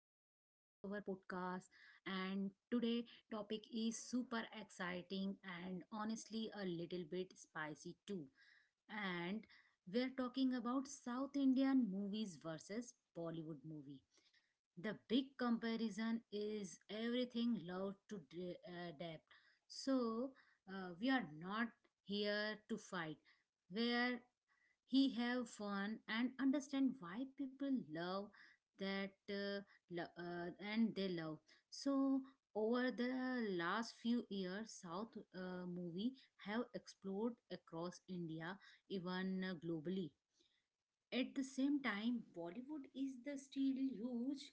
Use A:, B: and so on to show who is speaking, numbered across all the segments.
A: podcast. And today topic is super exciting and honestly a little bit spicy too. And we're talking about South Indian movies versus Bollywood movie. The big comparison is everything love to depth. So we are not here to fight. Where he have fun and understand why people love that and they love so over the last few years south movie have explored across india even globally at the same time, Bollywood is the still huge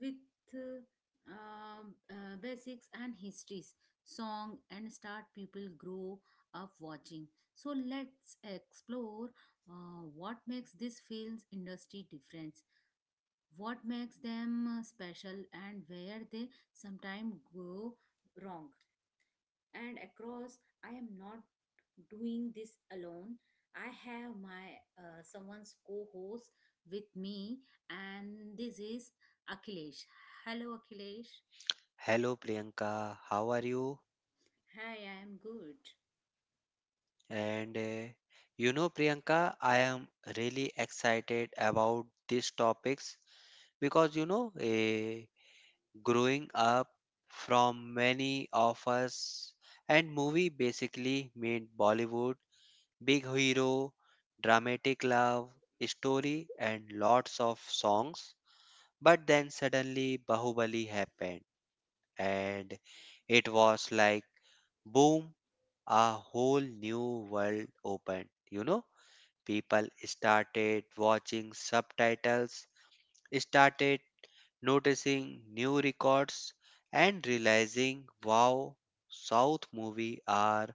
A: with uh, basics and histories, song and start people grow up watching. So let's explore what makes this film's industry different, what makes them special, and where they sometimes go wrong and across I am not doing this alone I have my someone's co-host with me and this is akhilesh. Hello akhilesh.
B: Hello Priyanka, how are you?
A: Hi, I am good.
B: And you know, Priyanka, I am really excited about these topics because you know, growing up from many of us, and movie basically meant Bollywood, big hero, dramatic love, story, and lots of songs. But then suddenly Bahubali happened, and it was like boom, a whole new world opened. You know, people started watching subtitles, started noticing new records, and realizing wow, South movies are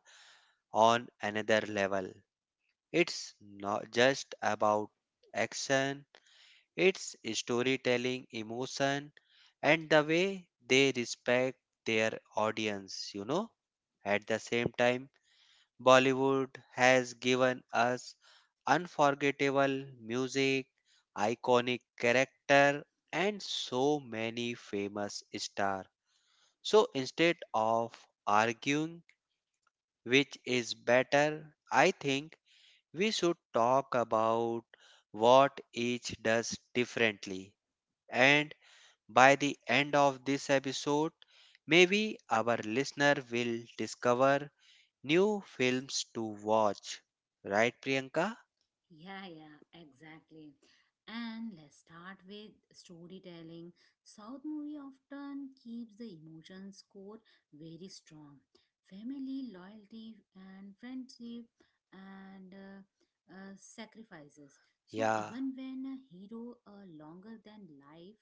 B: on another level. It's not just about action, it's storytelling, emotion, and the way they respect their audience, you know. At the same time, Bollywood has given us unforgettable music, iconic character, and so many famous stars. So instead of arguing which is better, I think we should talk about what each does differently. And by the end of this episode, maybe our listener will discover new films to watch, right, Priyanka?
A: Yeah, yeah, exactly. And let's start with storytelling. South movie often keeps the emotions core very strong. Family, loyalty, and friendship, and sacrifices. So
B: Yeah,
A: even when a hero longer than life,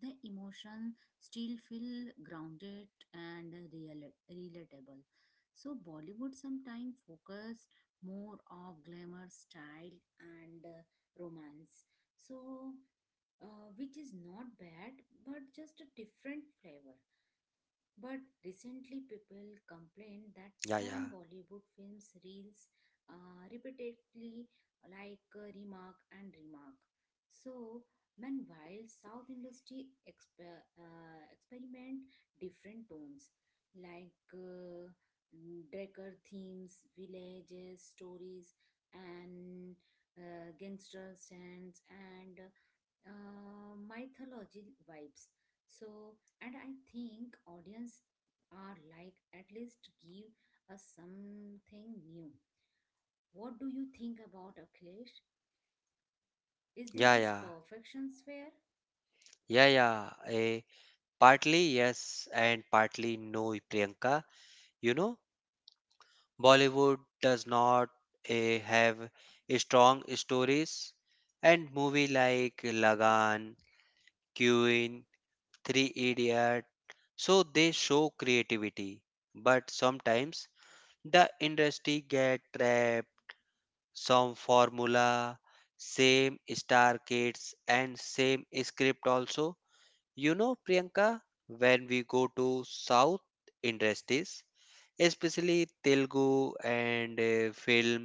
A: the emotion still feel grounded and relatable. So Bollywood sometimes focus more of glamour, style, and romance. So, which is not bad, but just a different flavor. But recently,
B: yeah,
A: people
B: yeah,
A: complained that some Bollywood films reels repeatedly like remark and remark. So, meanwhile, South industry experiment different tones like Drecker themes, villages, stories, and gangster scenes and mythology vibes. So, and I think audience are like at least give us something new. What do you think about Akhilesh? Is
B: yeah,
A: this his
B: yeah,
A: perfection sphere?
B: yeah, yeah. Partly yes and partly no, Priyanka. You know, Bollywood does not have strong stories, and movie like Lagan, Queen, Three Idiot, so they show creativity, but sometimes the industry get trapped some formula, same star kids, and same script also. You know, Priyanka, when we go to South industries, especially Telugu and film,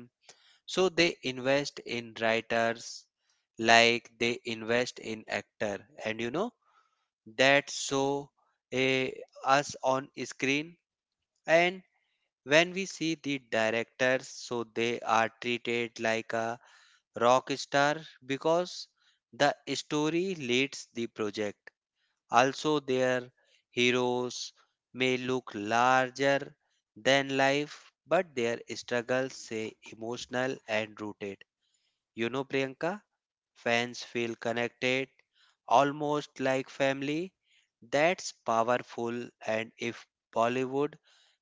B: so they invest in writers like they invest in actor, and you know that so uh, us on screen and when we see the directors so they are treated like a rock star because the story leads the project. Also, their heroes may look larger than life, but their struggles say emotional and rooted. You know, Priyanka, fans feel connected, almost like family. That's powerful, and if Bollywood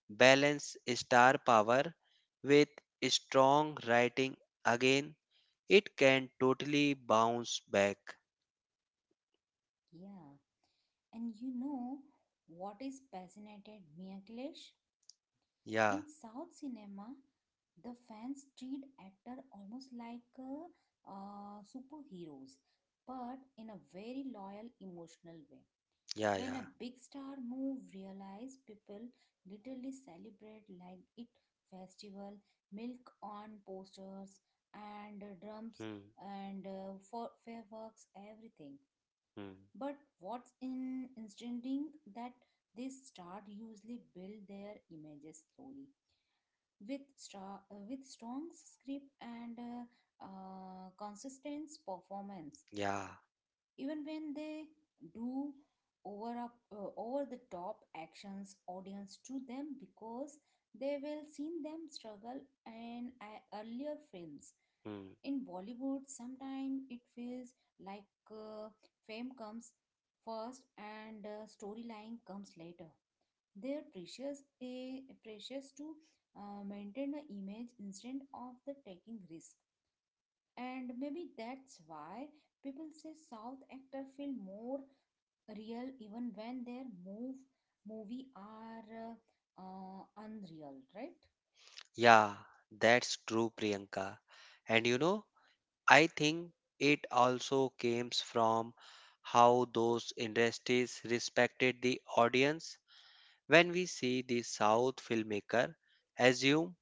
B: balance star power with strong writing again it can totally bounce back.
A: Yeah, and you know what is fascinated me, Akhilesh?
B: Yeah,
A: In South cinema, the fans treat actor almost like superheroes, but in a very loyal, emotional way.
B: yeah,
A: When a
B: yeah.
A: big star move realize people literally celebrate like it festival, milk on posters and drums
B: Hmm,
A: and for fireworks everything.
B: hmm,
A: But what's in interesting that this star usually build their images slowly with with strong script and consistent performance
B: yeah,
A: even when they do over the top actions audience to them because they will seen them struggle in earlier films
B: hmm.
A: in bollywood sometimes it feels like fame comes first and storyline comes later they're precious a precious to maintain an image instead of the taking risk and maybe that's why people say south actor feel more real even when their move movie are unreal, right?
B: Yeah, that's true, Priyanka. And you know, I think it also comes from how those industries respected the audience. When we see the South filmmaker, assume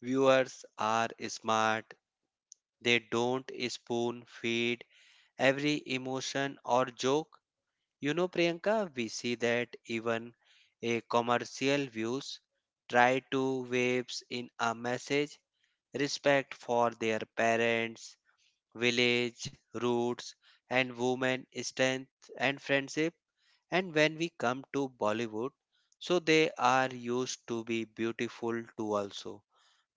B: viewers are smart, they don't spoon feed every emotion or joke. You know, Priyanka, we see that even a commercial views try to waves in a message respect for their parents, village, roots, and women strength and friendship. And when we come to Bollywood, so they are used to be beautiful too also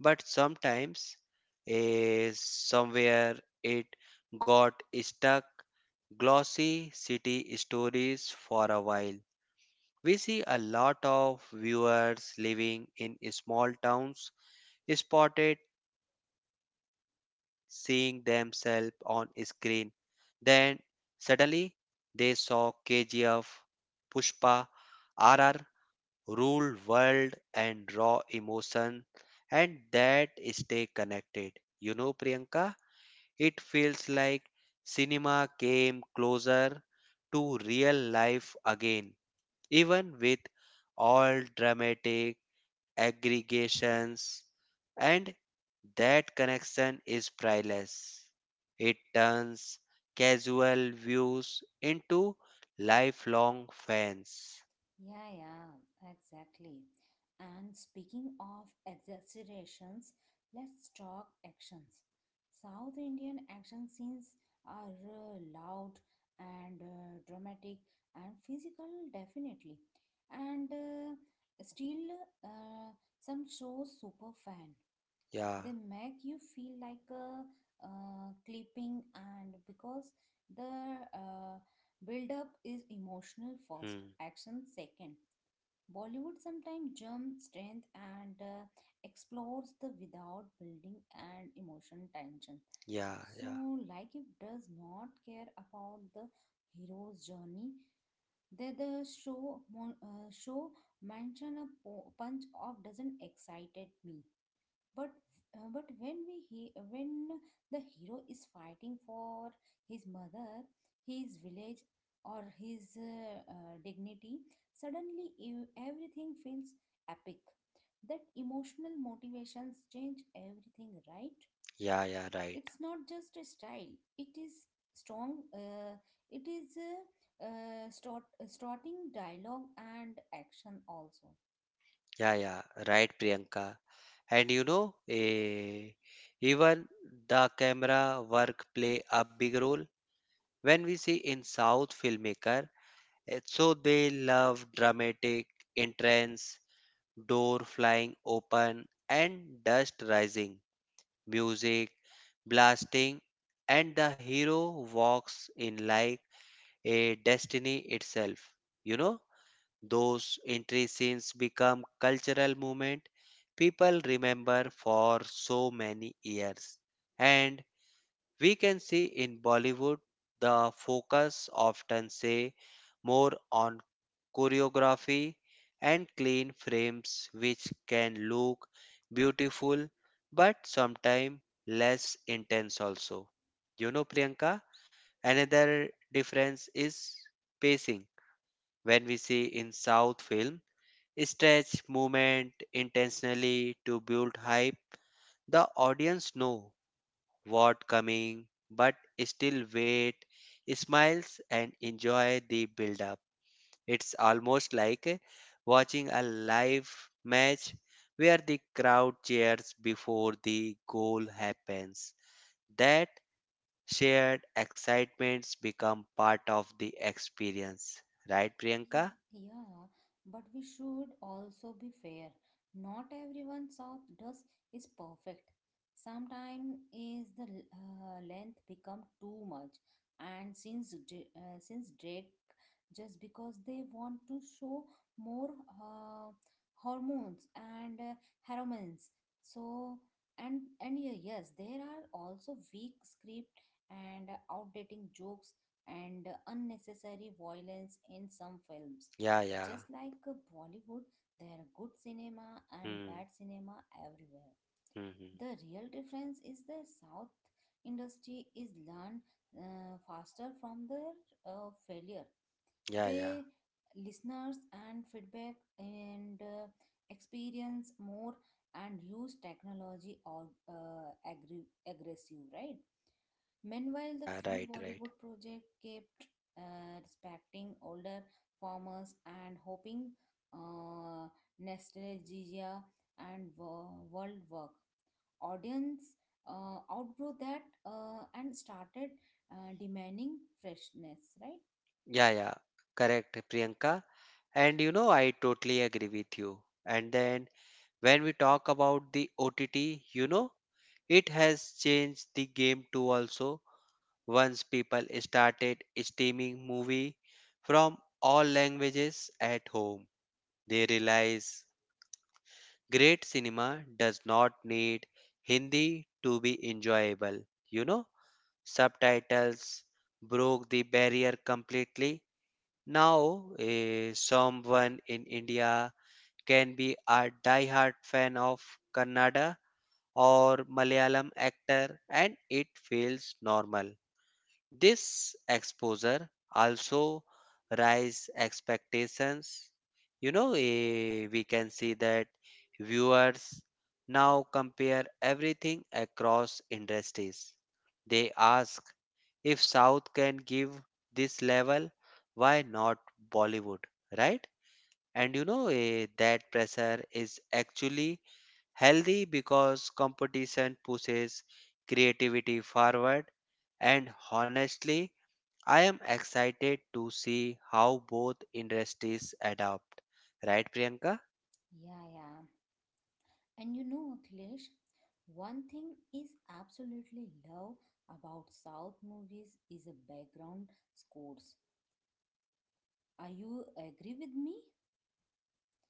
B: but sometimes somewhere it got stuck glossy city stories for a while. We see a lot of viewers living in small towns spotted seeing themselves on screen. Then suddenly they saw KGF, Pushpa, RR rule world and raw emotion, and that stay connected. You know, Priyanka, it feels like cinema came closer to real life again, even with all dramatic aggregations. And that connection is priceless. It turns casual views into lifelong fans.
A: Yeah, yeah, exactly. And speaking of exaggerations, let's talk actions. South Indian action scenes are loud and dramatic and physical, definitely. And still, uh, some shows super fan.
B: Yeah.
A: They make you feel like a clipping, and because the build up is emotional first,
B: Hmm.
A: action second. Bollywood sometimes jump strength and explores the without building and emotion tension.
B: Yeah, yeah.
A: So, like it does not care about the hero's journey. That the show show mention a punch of doesn't excited me, but but when when the hero is fighting for his mother, his village, or his dignity, suddenly everything feels epic. That emotional motivations change everything, right?
B: Yeah, yeah, right.
A: It's not just a style, it is strong it is uh, uh, start, starting dialogue and action also.
B: Yeah, yeah, right, Priyanka. And you know, even the camera work play a big role. When we see in South filmmaker, so they love dramatic entrance, door flying open, and dust rising, music blasting, and the hero walks in like a destiny itself. You know? Those entry scenes become cultural moments people remember for so many years. And we can see in Bollywood the focus often say more on choreography and clean frames which can look beautiful but sometimes less intense also. You know, Priyanka, another difference is pacing. When we see in South film, Stretch movement intentionally to build hype. The audience know what coming but still wait, smiles and enjoy the build up. It's almost like watching a live match where the crowd cheers before the goal happens. That shared excitements become part of the experience. Right, Priyanka?
A: Yeah, yeah, but we should also be fair. Not everyone South does is perfect. Sometimes is the length become too much, and since since Drake just because they want to show more uh, hormones and hormones. So and yeah, yes, there are also weak script and outdating jokes and unnecessary violence in some films.
B: Yeah, yeah.
A: Just like Bollywood, there are good cinema and
B: Hmm.
A: bad cinema everywhere.
B: Hmm, hmm.
A: The real difference is the South industry is learned faster from their failure.
B: Yeah, yeah.
A: They listeners and feedback and experience more and use technology or aggressive, right? Meanwhile, the
B: Yeah,
A: few
B: right, right.
A: Bollywood projects kept respecting older farmers and hoping uh, nostalgia and world work. Audience outgrew that and started demanding freshness, right?
B: Yeah, yeah. Correct, Priyanka. And you know, I totally agree with you. And then when we talk about the OTT, you know, it has changed the game too also. Once people started streaming movie from all languages at home, they realize great cinema does not need Hindi to be enjoyable. You know, subtitles broke the barrier completely. Now, someone in India can be a diehard fan of Kannada or Malayalam actor, and it feels normal. This exposure also rise expectations. You know, we can see that viewers now compare everything across industries. They ask if South can give this level, why not Bollywood, right? And you know, that pressure is actually healthy because competition pushes creativity forward and honestly I am excited to see how both industries adapt. Right, Priyanka?
A: Yeah, yeah. And you know, Akhilesh, one thing is absolutely love about South movies is a background scores. Are you agree with me?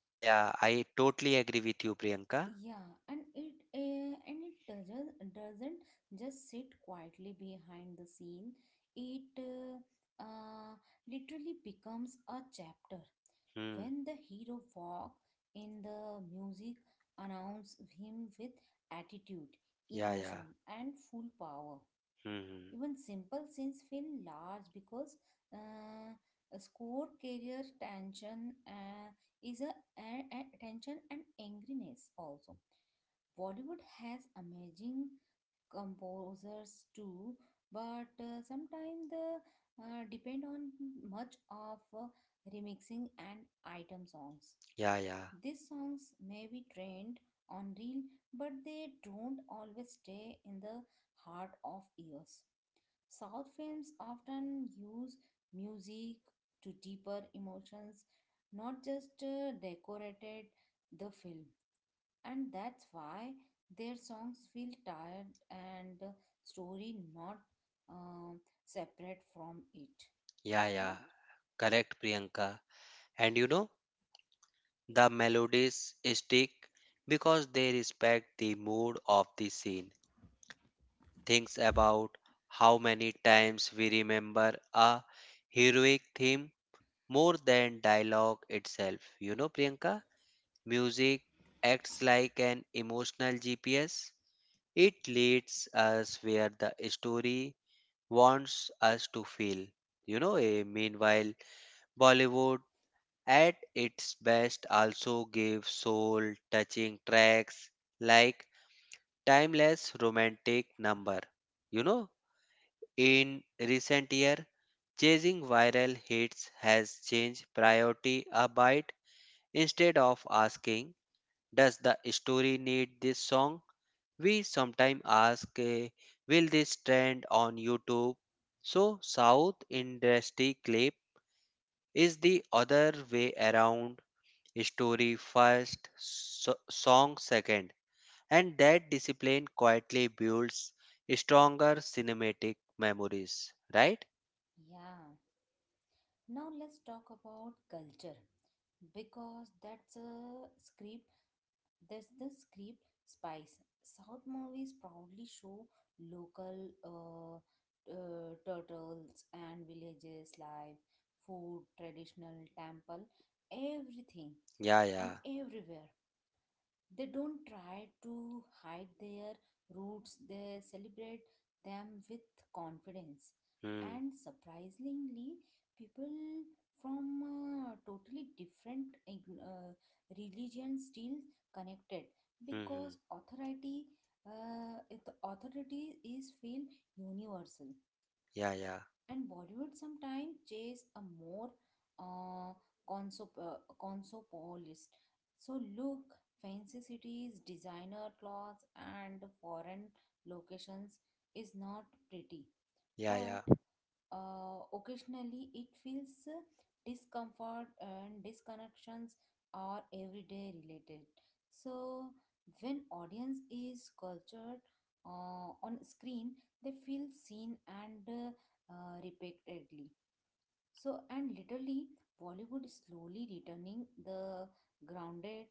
B: Yeah, yeah, I totally agree with you, Priyanka.
A: Yeah, and it doesn't just sit quietly behind the scene. It literally becomes a chapter.
B: Hmm.
A: When the hero walk in the music announce him with attitude,
B: Yeah, yeah.
A: emotion, and full power.
B: Hmm.
A: Even simple scenes feel large because uh, a score carrier tension is a, a tension and angriness also. Bollywood has amazing composers too, but sometimes the depend on much of remixing and item songs.
B: Yeah, yeah.
A: These songs may be trained on reel, but they don't always stay in the heart of ears. South films often use music to deeper emotions, not just decorated the film. And that's why their songs feel tired and story not um separate from it,
B: Yeah, yeah.
A: right?
B: Correct, Priyanka. And you know, the melodies stick because they respect the mood of the scene. Thinks about how many times we remember a heroic theme more than dialogue itself. You know, Priyanka? Music acts like an emotional GPS. It leads us where the story wants us to feel. You know, meanwhile, Bollywood at its best also gives soul touching tracks like Timeless Romantic Number. You know, in recent year, chasing viral hits has changed priority a bit instead of asking does the story need this song. We sometimes ask, will this trend on YouTube? So, South industry clip is the other way around story first, song second, and that discipline quietly builds stronger cinematic memories, right?
A: Yeah. Now let's talk about culture because That's the script spice. South movies proudly show local turtles and villages life, food, traditional temple, everything
B: Yeah,
A: and
B: yeah.
A: everywhere. They don't try to hide their roots, they celebrate them with confidence.
B: Hmm,
A: And surprisingly, people from totally different religions still connected
B: hmm, hmm.
A: because authority is feel universal
B: Yeah, yeah.
A: and Bollywood sometimes chase a more uh, consopolist. So look, fancy cities, designer clothes, and foreign locations is not pretty,
B: Yeah,
A: but
B: yeah.
A: occasionally it feels discomfort and disconnections are everyday related. So when audience is cultured on screen they feel seen and repeatedly. So and literally bollywood is slowly returning the grounded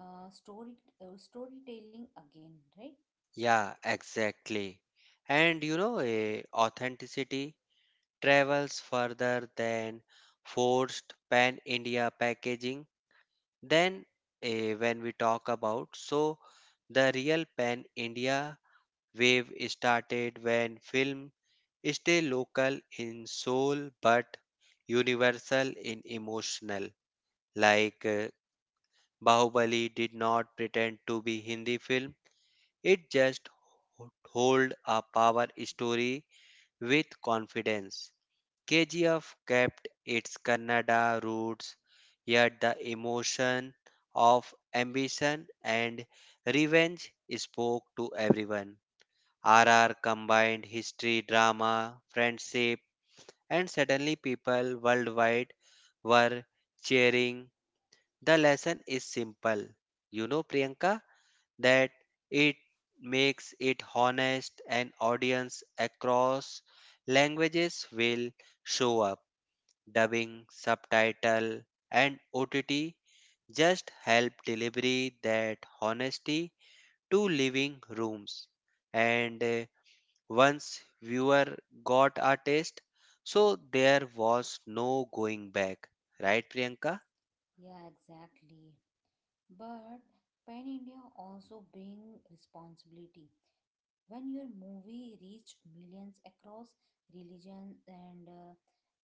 A: uh, story storytelling again, right?
B: Yeah, exactly. And you know, authenticity travels further than forced pan India packaging. Then, when we talk about. So, the real pan India wave started when film stay local in soul but universal in emotional. Like Bahubali did not pretend to be Hindi film; it just hold a power story with confidence. KGF kept its Kannada roots, yet the emotion of ambition and revenge spoke to everyone. RR combined history, drama, friendship, and suddenly people worldwide were cheering. The lesson is simple, you know, Priyanka, that it makes it honest and audience across languages will show up dubbing, subtitle, and OTT just help delivery that honesty to living rooms. And once viewer got a taste, so there was no going back. Right, Priyanka?
A: Yeah, exactly, but pan india also bring responsibility when your movie reached millions across religions and uh,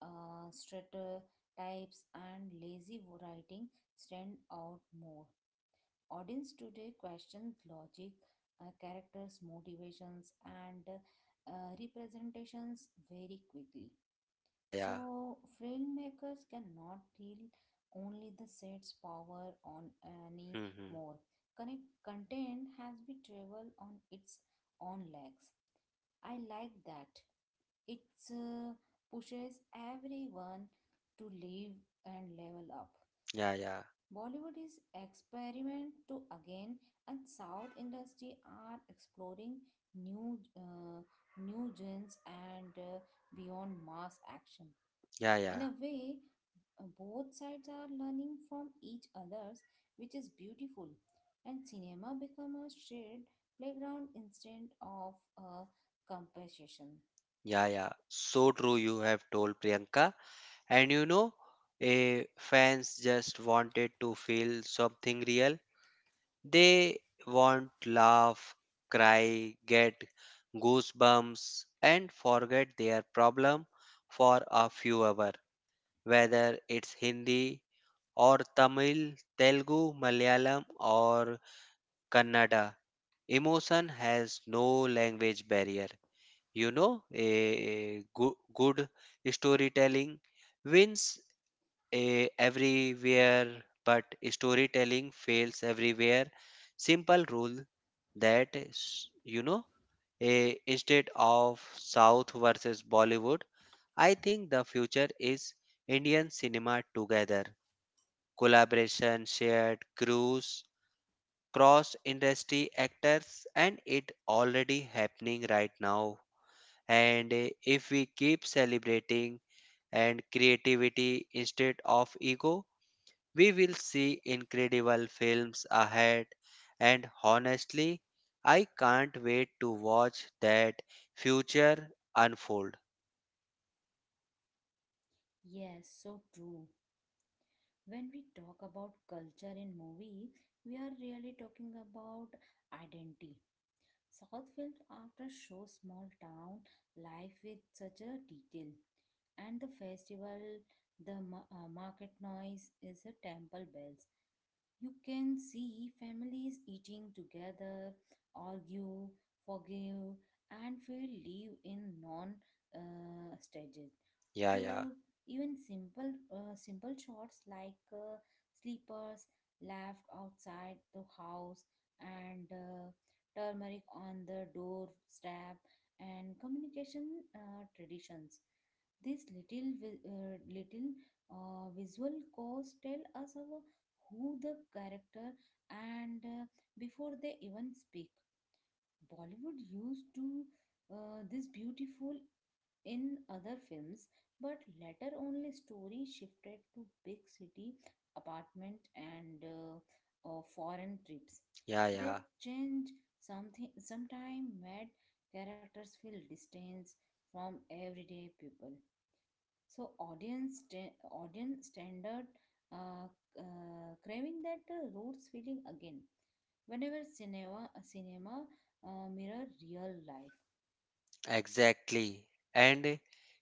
A: uh, stereotypes and lazy writing stand out more. Audience today questions logic, characters' motivations, and representations very quickly.
B: Yeah, yeah.
A: So, filmmakers cannot rely only the set's power on any
B: Mm-hmm.
A: more. Connect content has been travel on its own legs. I like that. It uh, pushes everyone to live and level up.
B: Yeah, yeah.
A: Bollywood is experiment to again, and South industry are exploring new uh, new genres and beyond mass action.
B: Yeah,
A: In
B: yeah.
A: a way, both sides are learning from each others, which is beautiful. And cinema become a shared playground instead of a competition.
B: Yeah, yeah. So true, you have told Priyanka. And you know, a fans just wanted to feel something real. They want laugh, cry, get goosebumps and forget their problem for a few hours, whether it's Hindi or Tamil, Telugu, Malayalam or Kannada. Emotion has no language barrier. You know, a good, good storytelling wins everywhere, but storytelling fails everywhere. Simple rule that you know, instead of South versus Bollywood, I think the future is Indian cinema together. Collaboration, shared crews, cross industry actors, and it already happening right now. And if we keep celebrating and creativity instead of ego, we will see incredible films ahead, and honestly, I can't wait to watch that future unfold.
A: Yes, so true. When we talk about culture in movie, we are really talking about identity. South films often show small town life with such a detail. And the festival, the market noise is the temple bells. You can see families eating together, argue, forgive, and feel live in non stages
B: Yeah, yeah,
A: to even simple chores like sleepers left outside the house and turmeric on the doorstep and communication traditions. This little visual cause tell us our, who the character and before they even speak. Bollywood used to this beautiful in other films, but later only story shifted to big city apartment and foreign trips.
B: yeah,
A: That
B: yeah,
A: change something sometime made characters feel distance from everyday people. So audience standard uh, craving that roots feeling again. Whenever cinema mirror real life.
B: exactly. And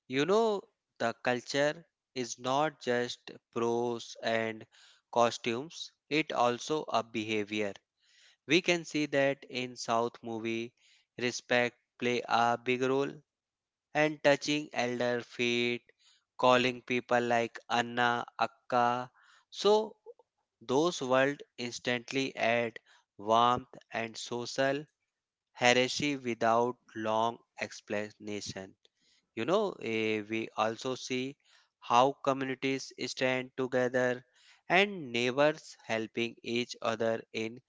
B: you know, the culture is not just pros and costumes, it also a behavior. We can see that in South movie, respect play a big role and touching elder feet, calling people like Anna, Akka. So those words instantly add warmth and social hierarchy without long explanation. You know, we also see how communities stand together and neighbors helping each other in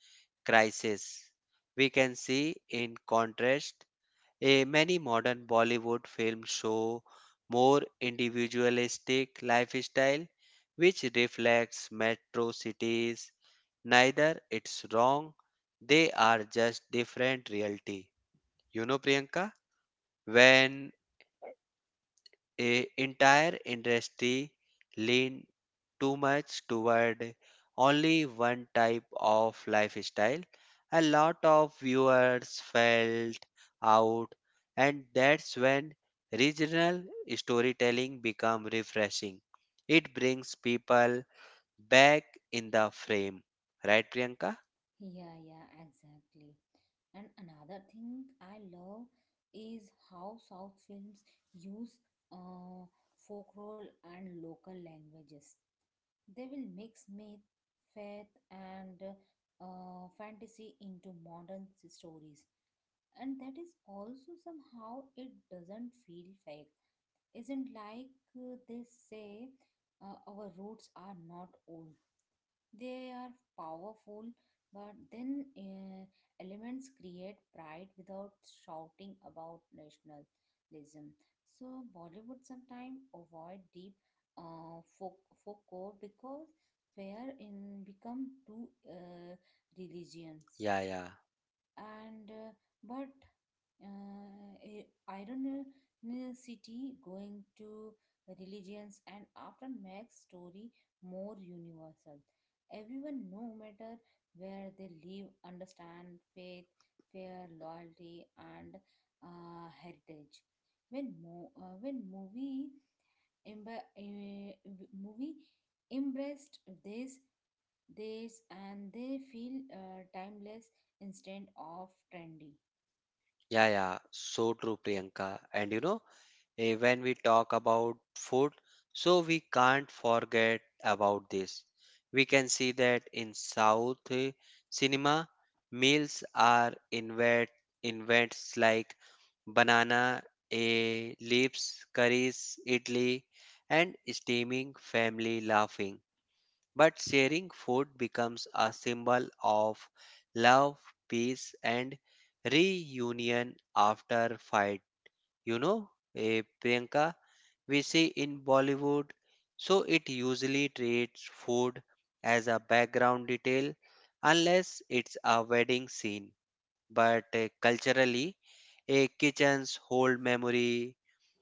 B: crisis. We can see in contrast a many modern Bollywood films show more individualistic lifestyle which reflects metro cities. Neither it's wrong, they are just different reality. You know, Priyanka, when a entire industry lean too much toward only one type of lifestyle a lot of viewers felt out, and that's when regional storytelling become refreshing. It brings people back in the frame, right, Priyanka?
A: Yeah, yeah, exactly. And another thing I love is how South films use uh, folklore and local languages. They will mix myth, faith, and fantasy into modern stories, and that is also somehow it doesn't feel fake. Isn't like they say our roots are not old. They are powerful, but then elements create pride without shouting about nationalism. So Bollywood sometimes avoid deep uh, folk, folk core because where in become two religions
B: Yeah, yeah,
A: and but uh, i- ironicity going to religions and often makes story more universal. Everyone, no matter where they live, understand faith, fear, loyalty, and heritage. When emba- eh, movie embraced this this and they feel timeless instead of trendy.
B: yeah, yeah. So true, Priyanka, and you know, when we talk about food. So we can't forget about this. We can see that in South cinema, meals are invents like banana leaves, curries, idli, and steaming family laughing. But sharing food becomes a symbol of love, peace, and reunion after fight. You know, Priyanka, we see in Bollywood. So it usually treats food as a background detail unless it's a wedding scene. But culturally, a kitchen's whole memory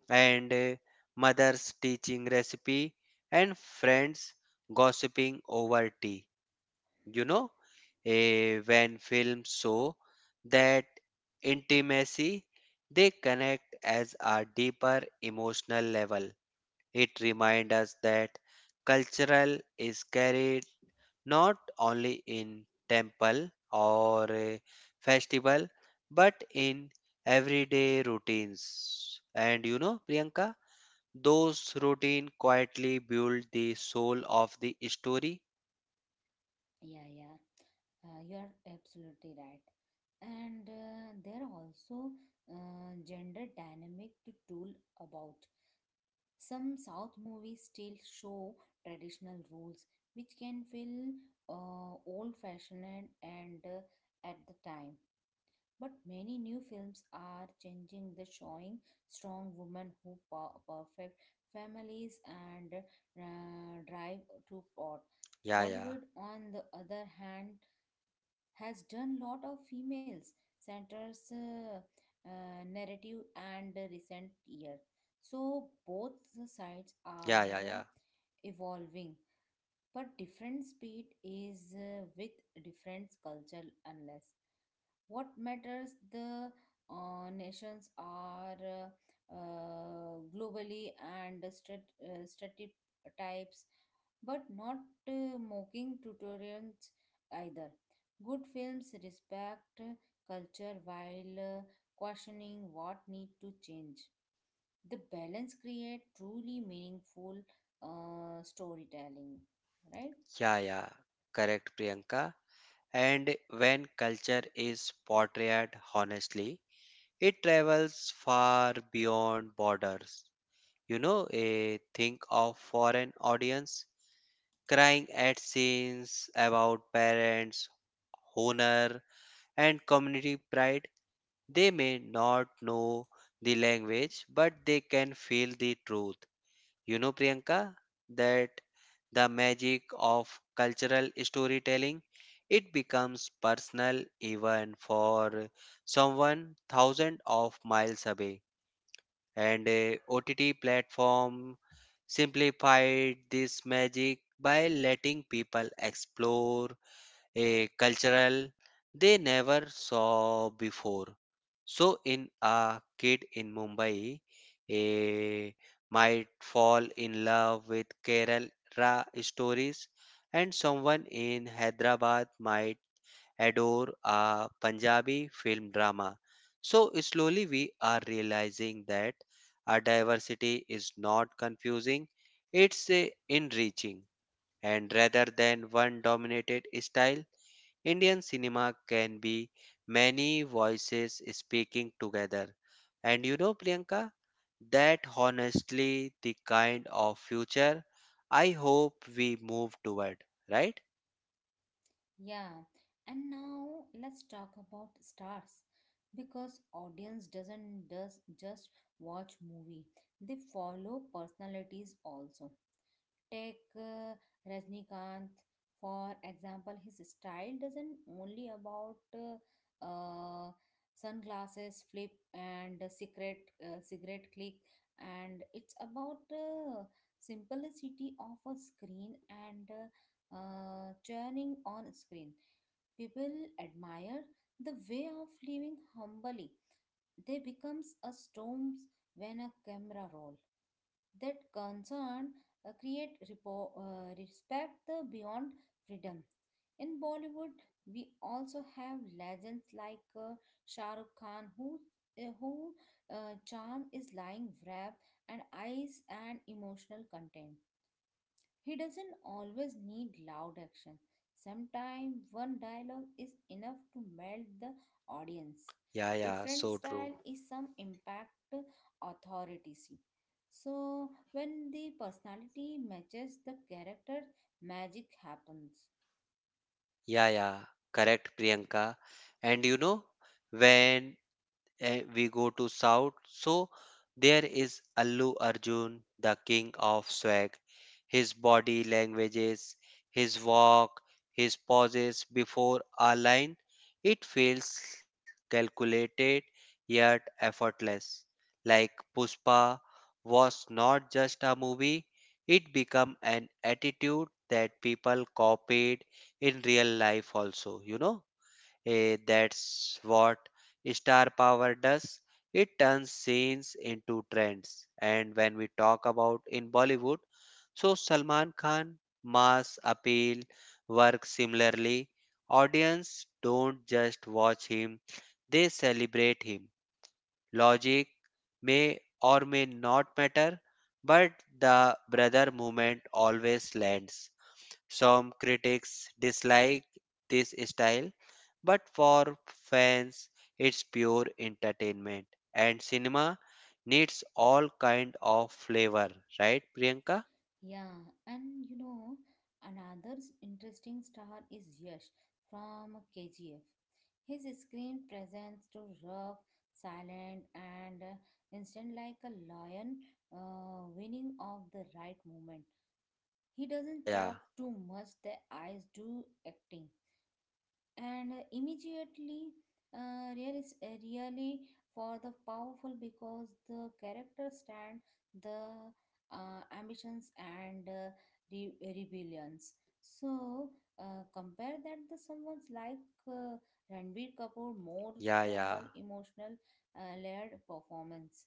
B: and mother's teaching recipe and friends gossiping over tea. You know, when films show that intimacy, they connect as a deeper emotional level. It reminds us that cultural is carried not only in temple or a festival but in everyday routines. And you know, Priyanka, those routine quietly build the soul of the story.
A: Yeah, yeah, you are absolutely right. And there are also gender dynamic to tool about. Some south movies still show traditional rules which can feel old fashioned and at the time. But many new films are changing the showing strong women who perfect families and drive to plot.
B: Yeah, yeah,
A: Bollywood, on the other hand, has done lot of females centers narrative and the recent year. So
B: yeah, yeah,
A: both
B: yeah.
A: the sides are evolving, but different speed is with different culture unless what matters the nations are globally and stereotypes but not mocking tutorials either good films respect culture while questioning what need to change the balance create truly meaningful storytelling, right?
B: Yeah, yeah, correct, Priyanka. And when culture is portrayed honestly, it travels far beyond borders. You know, think of foreign audience crying at scenes about parents, honor, and community pride. They may not know the language, but they can feel the truth. You know, Priyanka, that the magic of cultural storytelling. It becomes personal even for someone thousands of miles away, and a OTT platform simplified this magic by letting people explore a cultural they never saw before. So in a kid in Mumbai, a might fall in love with Kerala stories, and someone in Hyderabad might adore a Punjabi film drama. So slowly we are realizing that our diversity is not confusing; it's a enriching, and rather than one dominated style Indian cinema can be many voices speaking together. And you know, Priyanka, that honestly the kind of future I hope we move toward, right?
A: Yeah, and now let's talk about stars because audience doesn't does just watch movie, they follow personalities also. Take Rajnikanth, for example, his style doesn't only about uh, sunglasses flip and cigarette click, and it's about simplicity of a screen and churning on screen. People admire the way of living humbly, they becomes a storms when a camera roll. That concern create respect the beyond freedom. In Bollywood, we also have legends like Shah Rukh Khan, who charm is lying wrap and eyes and emotional content. He doesn't always need loud action. Sometimes one dialogue is enough to melt the audience.
B: Yeah, yeah,
A: Different
B: so
A: style
B: true.
A: is some impact authority. See. So when the personality matches the character, magic happens.
B: Yeah, yeah, correct, Priyanka. And you know, when we go to south so there is Allu Arjun, the king of swag, his body languages, his walk, his pauses before a line, it feels calculated yet effortless, like Puspa was not just a movie, it became an attitude that people copied in real life also, you know. That's what star power does. It turns scenes into trends. And when we talk about in Bollywood, so Salman Khan mass appeal works similarly. Audience don't just watch him, they celebrate him. Logic may or may not matter, but the brother movement always lands. Some critics dislike this style, but for fans it's pure entertainment and cinema needs all kind of flavor, right Priyanka?
A: Yeah, and you know, another interesting star is Yash from KGF. His screen presence to rough, silent, and instant like a lion winning of the right moment. He
B: Yeah,
A: doesn't
B: yeah.
A: talk too much, the eyes do acting and immediately really for the powerful because the character stand the ambitions and rebellions. So compare that the someone's like uh, Ranbir Kapoor more
B: Yeah, yeah.
A: suitable emotional layered performance,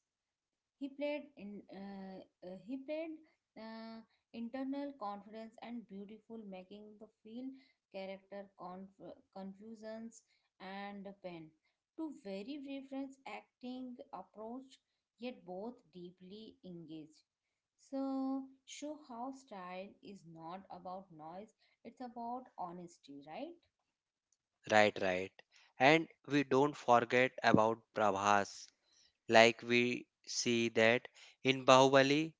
A: he played in uh, he played uh, internal confidence and beautiful, making the field character confusions and pain. Two very different acting approach, yet both deeply engaged. So show how style is not about noise; it's about honesty, right?
B: Right, right. And we don't forget about Prabhas. Like we see that in Bahubali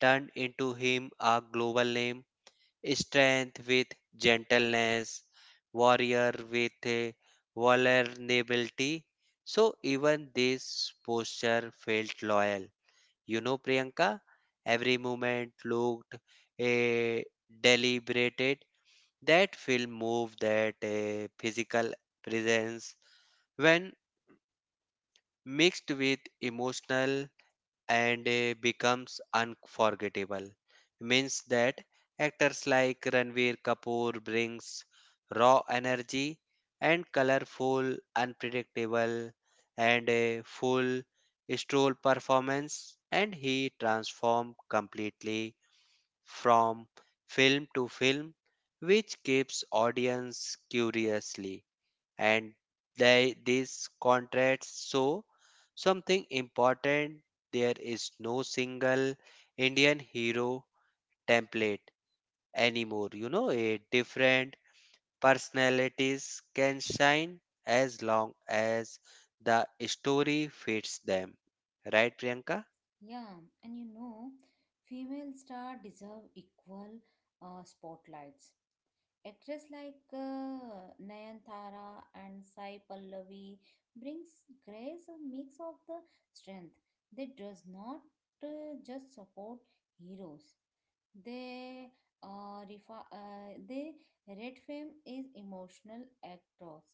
B: turned into him a global name, strength with gentleness, warrior with vulnerability. So even this posture felt loyal. You know, Priyanka, every movement looked deliberated. That film moved that physical presence when mixed with emotional and becomes unforgettable, means that actors like Ranveer Kapoor brings raw energy and colorful unpredictable and a full stroll performance, and he transforms completely from film to film, which keeps audience curiously. And they these contracts, show something important. There is no single Indian hero template anymore, you know. A different personalities can shine as long as the story fits them, right Priyanka?
A: Yeah, and you know, female star deserve equal spotlights. Actress like Nayanthara and Sai Pallavi brings grace a mix of the strength. They does not just support heroes. They they red fame is emotional actors.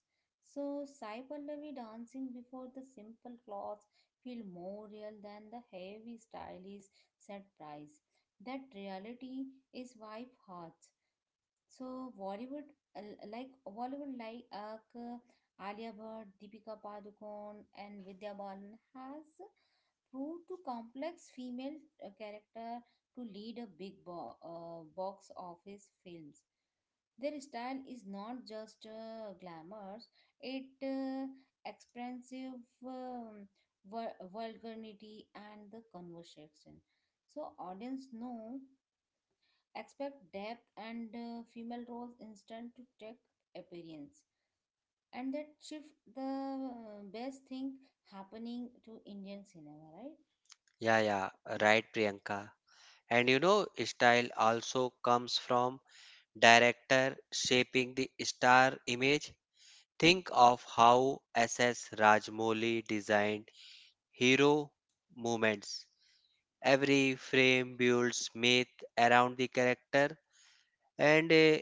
A: So Sai Pallavi dancing before the simple clothes feel more real than the heavy stylish set price. That reality is wife hearts. So Bollywood uh, like Bollywood like uh, Alia Bhatt, Deepika Padukone, and Vidya Balan has proved to complex female character to lead a box office films. Their style is not just glamorous; it expansive um, vulgarity and the conversation. So audience know expect depth and female roles instant to take appearance, and that shift the best thing happening to Indian cinema, right?
B: Yeah, yeah, right, Priyanka. And you know, style also comes from director shaping the star image. Think of how SS Rajmouli designed hero moments. Every frame builds myth around the character, and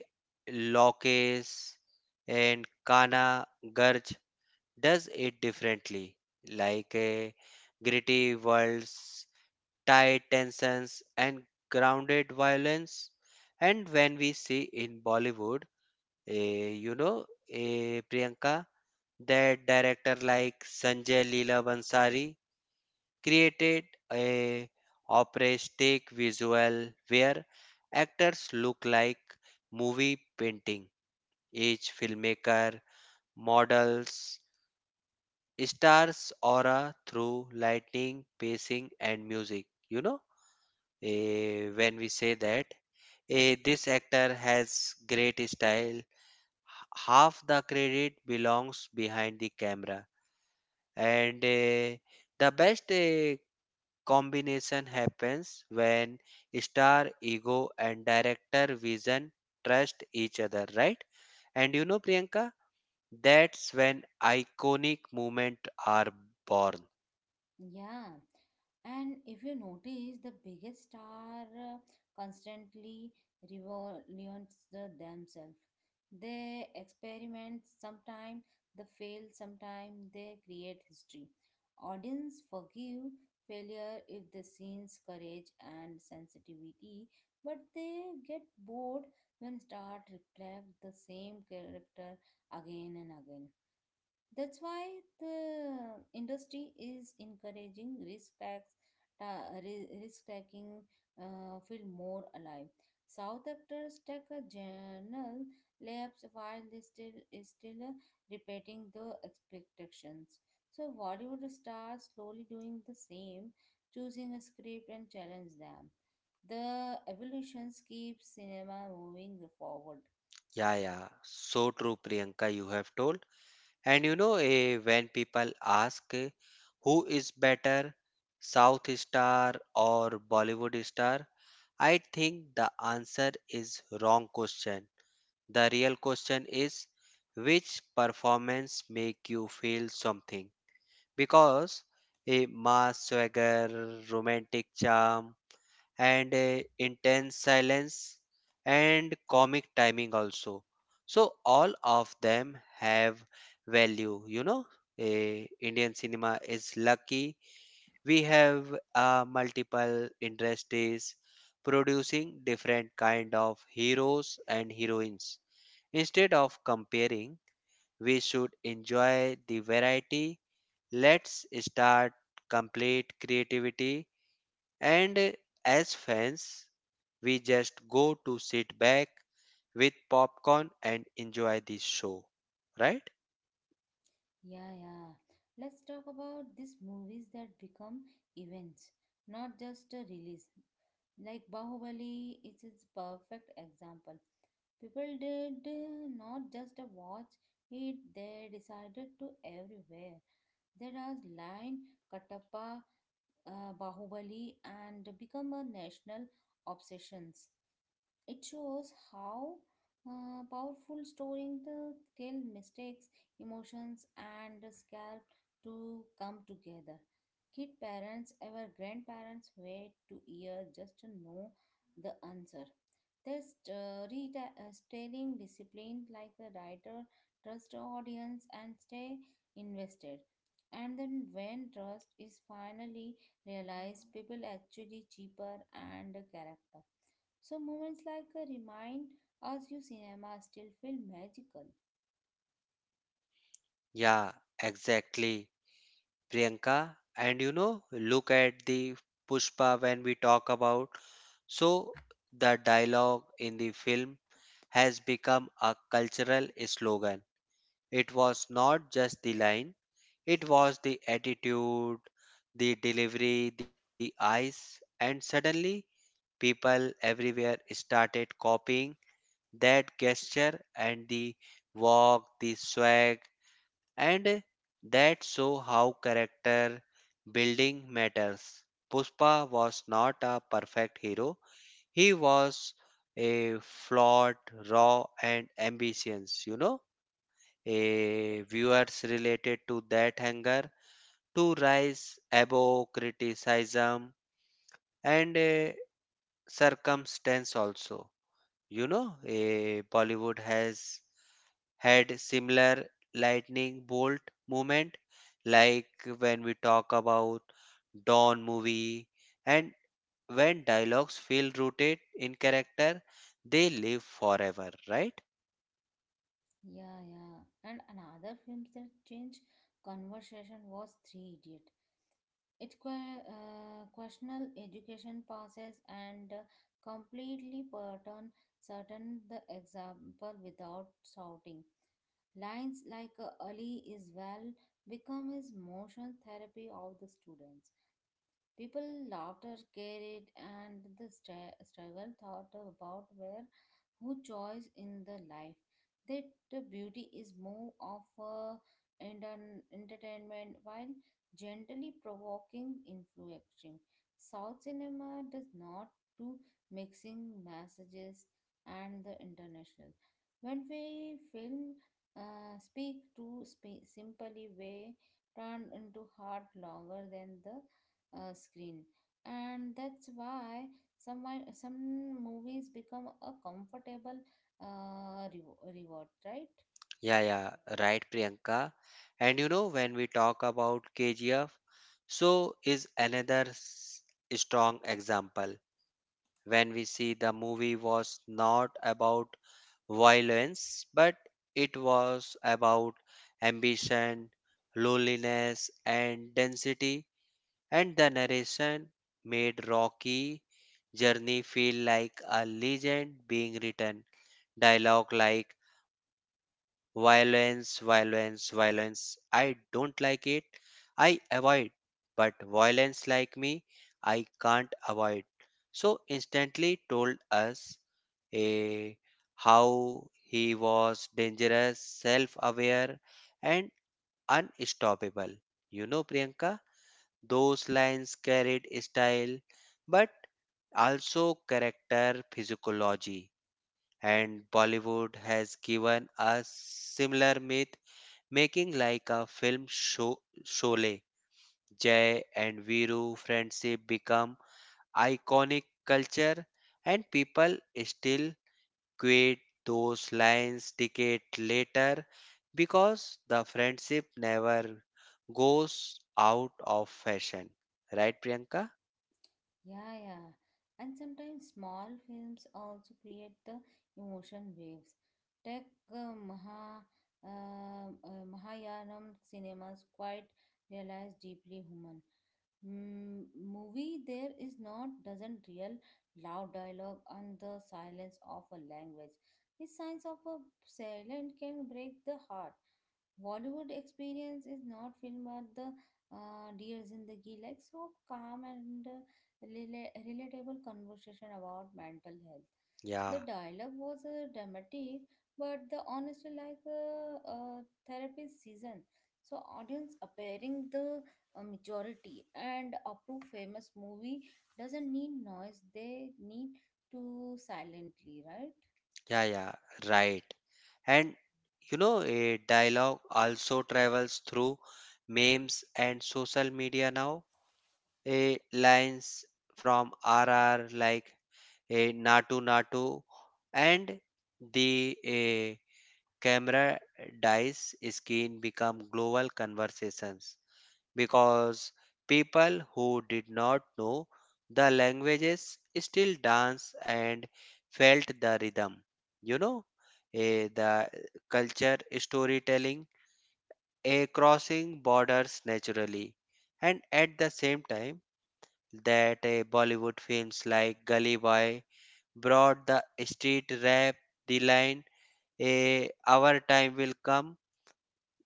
B: Lokesh and Kana Garj does it differently, like a gritty worlds, tight tensions, and grounded violence. And when we see in Bollywood, you know, Priyanka, that director like Sanjay Leela Bhansali created a operistic visual where actors look like movie painting. Each filmmaker models stars aura through lighting, pacing and music. You know, when we say that this actor has great style, half the credit belongs behind the camera and the best combination happens when star ego and director vision trust each other, right? And you know, Priyanka, that's when iconic moments are born.
A: Yeah, and if you notice, the biggest star constantly revolutions the themselves. They experiment sometimes, they fail sometimes, they create history. Audience forgive failure if the scene's courage and sensitivity, but they get bored when stars reflect the same character again and again. That's why the industry is encouraging risk tax, risk taking feel more alive. South actors take a general lapse while they still is still repeating the expectations. So Bollywood stars slowly doing the same, choosing a script and challenge them. The evolutions keep cinema moving forward.
B: Yeah, yeah, so true, Priyanka, you have told. And you know, when people ask, who is better, south star or Bollywood star, I think the answer is wrong question. The real question is, which performance make you feel something? Because a mass swagger, romantic charm, and a intense silence and comic timing also. So all of them have value, you know. A Indian cinema is lucky. We have multiple industries producing different kind of heroes and heroines. Instead of comparing, we should enjoy the variety. Let's start complete creativity. And as fans, we just go to sit back with popcorn and enjoy the show. Right?
A: Yeah, yeah. Let's talk about these movies that become events, not just a release. Like Bahubali, it's its perfect example. People did not just a watch it, they decided to everywhere. There are line Katappa, Bahubali, and become a national obsessions. It shows how powerful storing the tell mistakes, emotions, and the scalp to come together. Kid parents, our grandparents wait to hear just to know the answer. This story telling discipline like the writer trust audience and stay invested. And then when trust is finally realized, people actually cheaper and character. So moments like remind us you cinema still feel magical.
B: Yeah, exactly. Priyanka, and you know, look at the Pushpa when we talk about. So, the dialogue in the film has become a cultural slogan. It was not just the line, it was the attitude, the delivery, the eyes, and suddenly people everywhere started copying that gesture and the walk, the swag, and that show how character building matters. Puspa was not a perfect hero, he was a flawed, raw, and ambitious, you know, a viewers related to that hunger to rise above criticism and a circumstance also, you know, a Bollywood has had similar lightning bolt moment, like when we talk about dawn movie, and when dialogues feel rooted in character they live forever, right?
A: Yeah, yeah. And another film that changed conversation was Three Idiot. It questioned education passes and completely pattern certain the example without shouting. Lines like Ali is well become his motion therapy of the students. People laughter carried and the struggle thought about where who choice in the life that the beauty is more of a entertainment while gently provoking influencing south cinema does not do mixing messages and the international when we film speak to simply way turned into heart longer than the screen, and that's why some movies become a comfortable reward, right?
B: Yeah, yeah, right, Priyanka. And you know, when we talk about KGF, so is another strong example. When we see the movie was not about violence, but it was about ambition, loneliness, and density. And the narration made Rocky journey feel like a legend being written. Dialogue like violence, violence, violence. I don't like it. I avoid, but violence like me, I can't avoid. So instantly told us a how he was dangerous, self-aware, and unstoppable. You know, Priyanka, those lines carried style, but also character physiology, and Bollywood has given us similar myth making like a film show Sholay. Jay and Viru friendship become iconic culture, and people still quote those lines decade later because the friendship never goes out of fashion. Right, Priyanka?
A: Yeah, yeah. And sometimes small films also create the emotion waves. Take uh, Maha, Mahayanam cinemas quite realize deeply human. Movie there is not doesn't real loud dialogue and the silence of a language. The signs of a silent can break the heart. Bollywood experience is not filmed but the deers in the ghee, like so calm and relatable conversation about mental health. The
B: Yeah,
A: dialogue was dramatic, but the honesty like a uh, uh, therapy season. So audience appearing the majority and approve famous movie doesn't need noise. They need to silently, right?
B: yeah, yeah, right. And you know, a dialogue also travels through memes and social media now. A lines from R R like a Natu Natu and the a camera dies skin become global conversations because people who did not know the languages still dance and felt the rhythm. You know, the culture storytelling a crossing borders naturally, and at the same time that a Bollywood films like Gully Boy brought the street rap, the line a our time will come,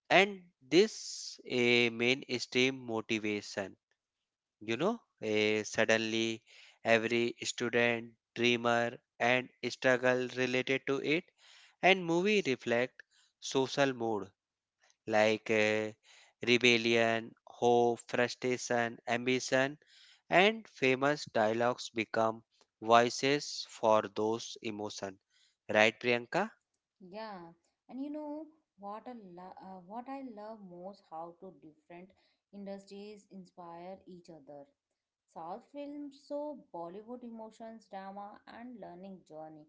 B: and this a mainstream motivation, you know, suddenly every student dreamer and struggle related to it, and movie reflect social mood like rebellion hope frustration ambition, and famous dialogues become voices for those emotion, right Priyanka?
A: Yeah, and you know what I love most how two different industries inspire each other. South films saw Bollywood emotions, drama, and learning journey.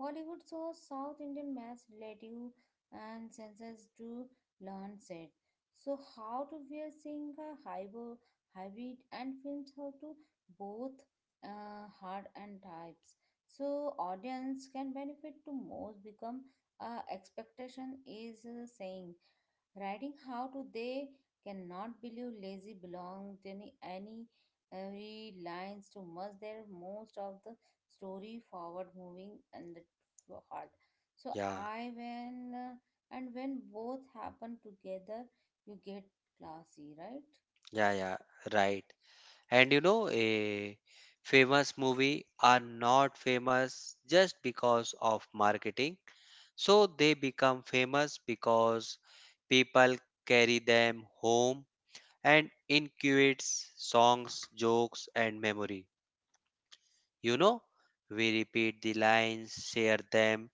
A: Bollywood saw South Indian maths relative and senses to learn set. So how to we are seeing a hybrid and films how to both hard and types. So audience can benefit to most become expectation is saying writing how to they cannot believe lazy belong to any every lines to must their most of the story forward moving and the hard. So
B: Yeah,
A: I when and when both happen together you get classy, right?
B: yeah, yeah, right. And you know, a famous movie are not famous just because of marketing. So they become famous because people carry them home and incubates songs, jokes, and memory. You know, we repeat the lines, share them,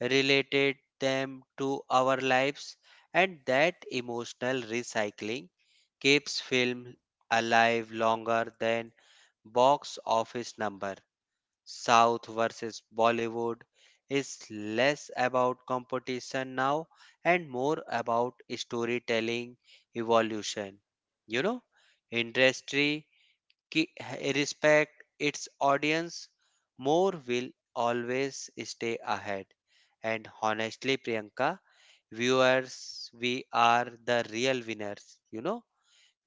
B: related them to our lives, and that emotional recycling keeps film alive longer than box office number. South versus Bollywood is less about competition now and more about storytelling evolution. You know, industry respect its audience, more will always stay ahead. And honestly, Priyanka, viewers, we are the real winners. You know,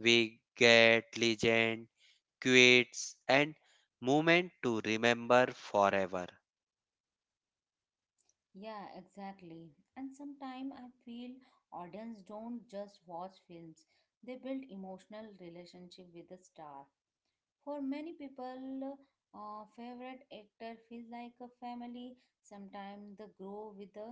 B: we get legend, quits, and moment to remember forever.
A: Yeah, exactly. And sometimes I feel audience don't just watch films, they build emotional relationship with the star. For many people, favorite actor feels like a family. Sometimes they grow with the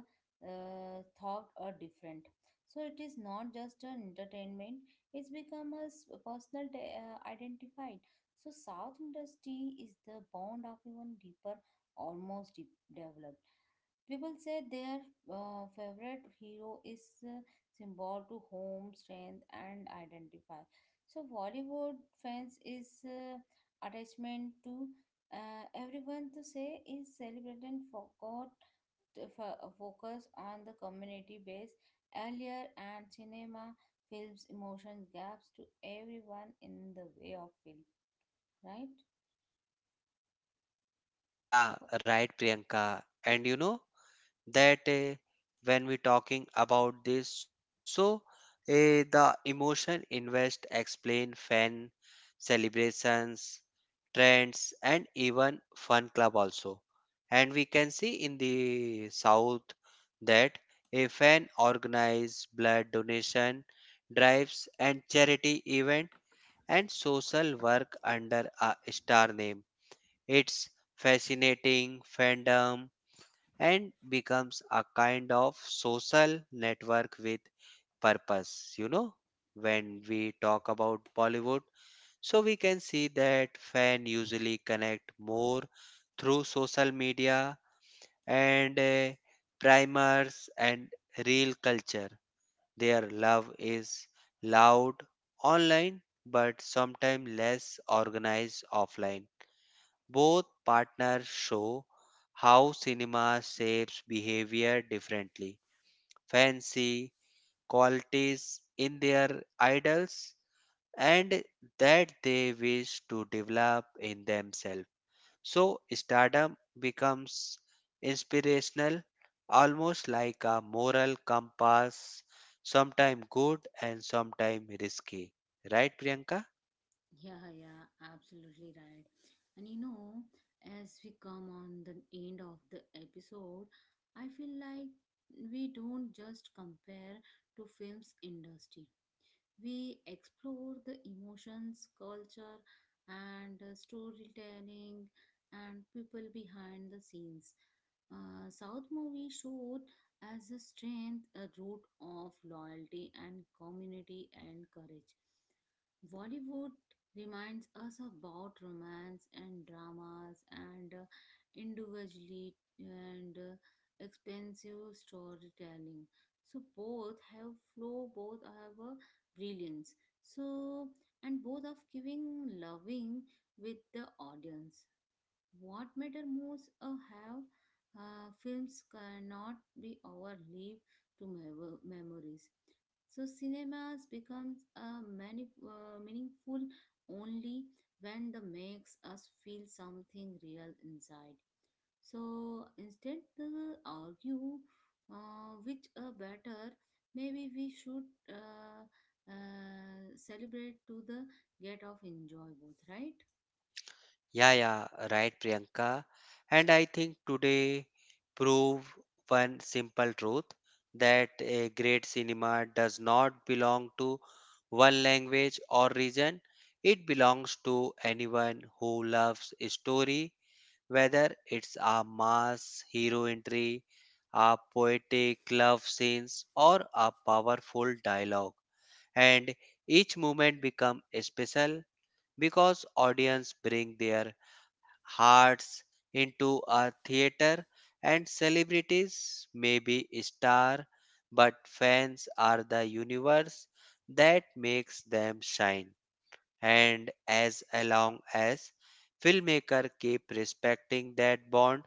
A: thought are different. So it is not just an entertainment; it's become a personal identified. So South industry is the bond of even deeper, almost deep, developed. People say their favorite hero is symbol to home, strength, and identify. So Bollywood fans is attachment to everyone to say is celebrated and forgot to focus on the community base earlier and cinema films emotion gaps to everyone in the way of film, right?
B: Yeah, right, Priyanka. And you know, that when we talking about this so the emotion invest explain fan celebrations trends and even fun club also, and we can see in the south that a fan organize blood donation drives and charity event and social work under a star name, it's fascinating fandom and becomes a kind of social network with purpose, you know. When we talk about Bollywood, so we can see that fan usually connect more through social media and primers and real culture. Their love is loud online but sometimes less organized offline. Both partners show how cinema shapes behavior differently. Fancy qualities in their idols and that they wish to develop in themselves. So, stardom becomes inspirational, almost like a moral compass, sometimes good and sometimes risky. Right, Priyanka?
A: Yeah, yeah, absolutely right. And you know, as we come on the end of the episode, I feel like we don't just compare to films industry. We explore the emotions, culture, and storytelling and people behind the scenes. South movie showed as a strength, a root of loyalty and community and courage. Bollywood reminds us about romance and dramas and individually and expensive storytelling. So both have flow, both have a brilliance. So, and both of giving loving with the audience. What matter most have films cannot be overleave to memories. So cinemas becomes a meaningful only when the makes us feel something real inside. So instead they argue which are better, maybe we should uh, celebrate to the get of enjoy both, right?
B: Yeah, yeah, right, Priyanka. And I think today prove one simple truth, that a great cinema does not belong to one language or region. It belongs to anyone who loves a story, whether it's a mass hero entry, a poetic love scenes, or a powerful dialogue. And each moment become special because audience bring their hearts into a theater, and celebrities may be star, but fans are the universe that makes them shine. And as long as filmmaker keep respecting that bond,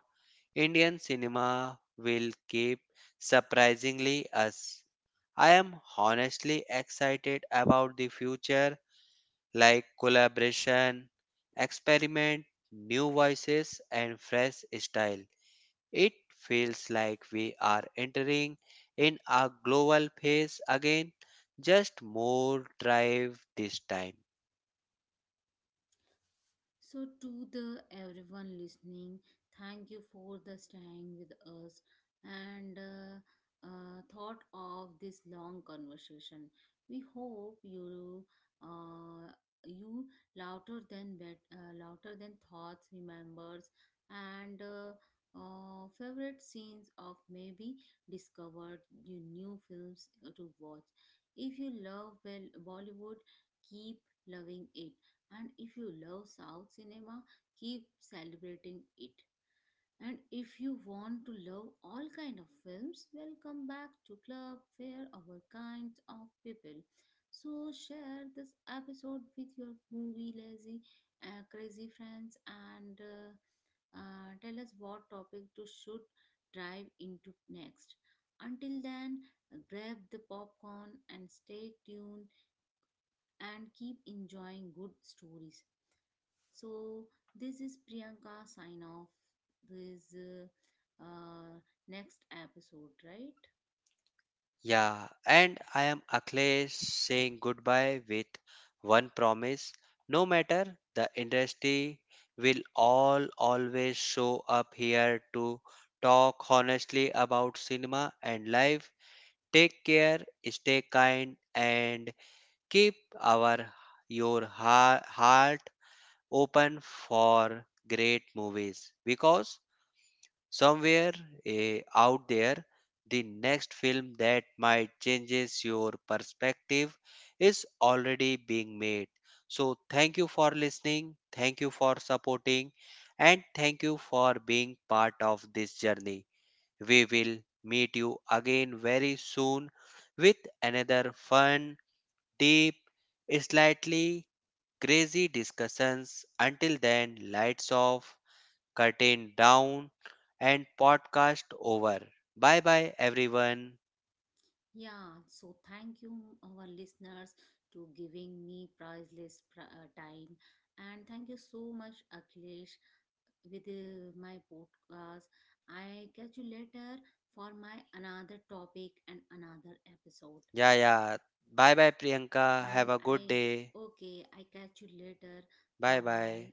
B: Indian cinema will keep surprisingly us. I am honestly excited about the future like collaboration, experiment, new voices, and fresh style. It feels like we are entering in a global phase again, just more drive this time.
A: So, to the everyone listening, thank you for the staying with us and thought of this long conversation. We hope uh, you louder than thoughts, remembers, and favorite scenes of maybe discovered you new films to watch. If you love well Bollywood, keep loving it, and if you love South cinema, keep celebrating it. And if you want to love all kind of films, welcome back to Club Fair, Our Kind of People. So share this episode with your movie lazy, crazy friends and tell us what topic to should dive into next. Until then, grab the popcorn and stay tuned and keep enjoying good stories. So this is Priyanka sign off this uh, next episode, right?
B: Yeah, and I am Akhilesh saying goodbye with one promise. No matter the industry, we will all always show up here to talk honestly about cinema and life. Take care, stay kind, and keep our your heart open for great movies because somewhere, out there the next film that might changes your perspective is already being made. So thank you for listening, thank you for supporting, and thank you for being part of this journey. We will meet you again very soon with another fun, deep, slightly crazy discussions. Until then, lights off, curtain down, and podcast over. Bye bye, everyone.
A: Yeah, so thank you our listeners to giving me priceless time and thank you so much Akhilesh with my podcast. I catch you later for my another topic and another episode.
B: Yeah, yeah. Bye bye, Priyanka. Have
A: And
B: a good
A: I
B: day.
A: okay, I catch you later.
B: Bye
A: Bye bye.
B: bye.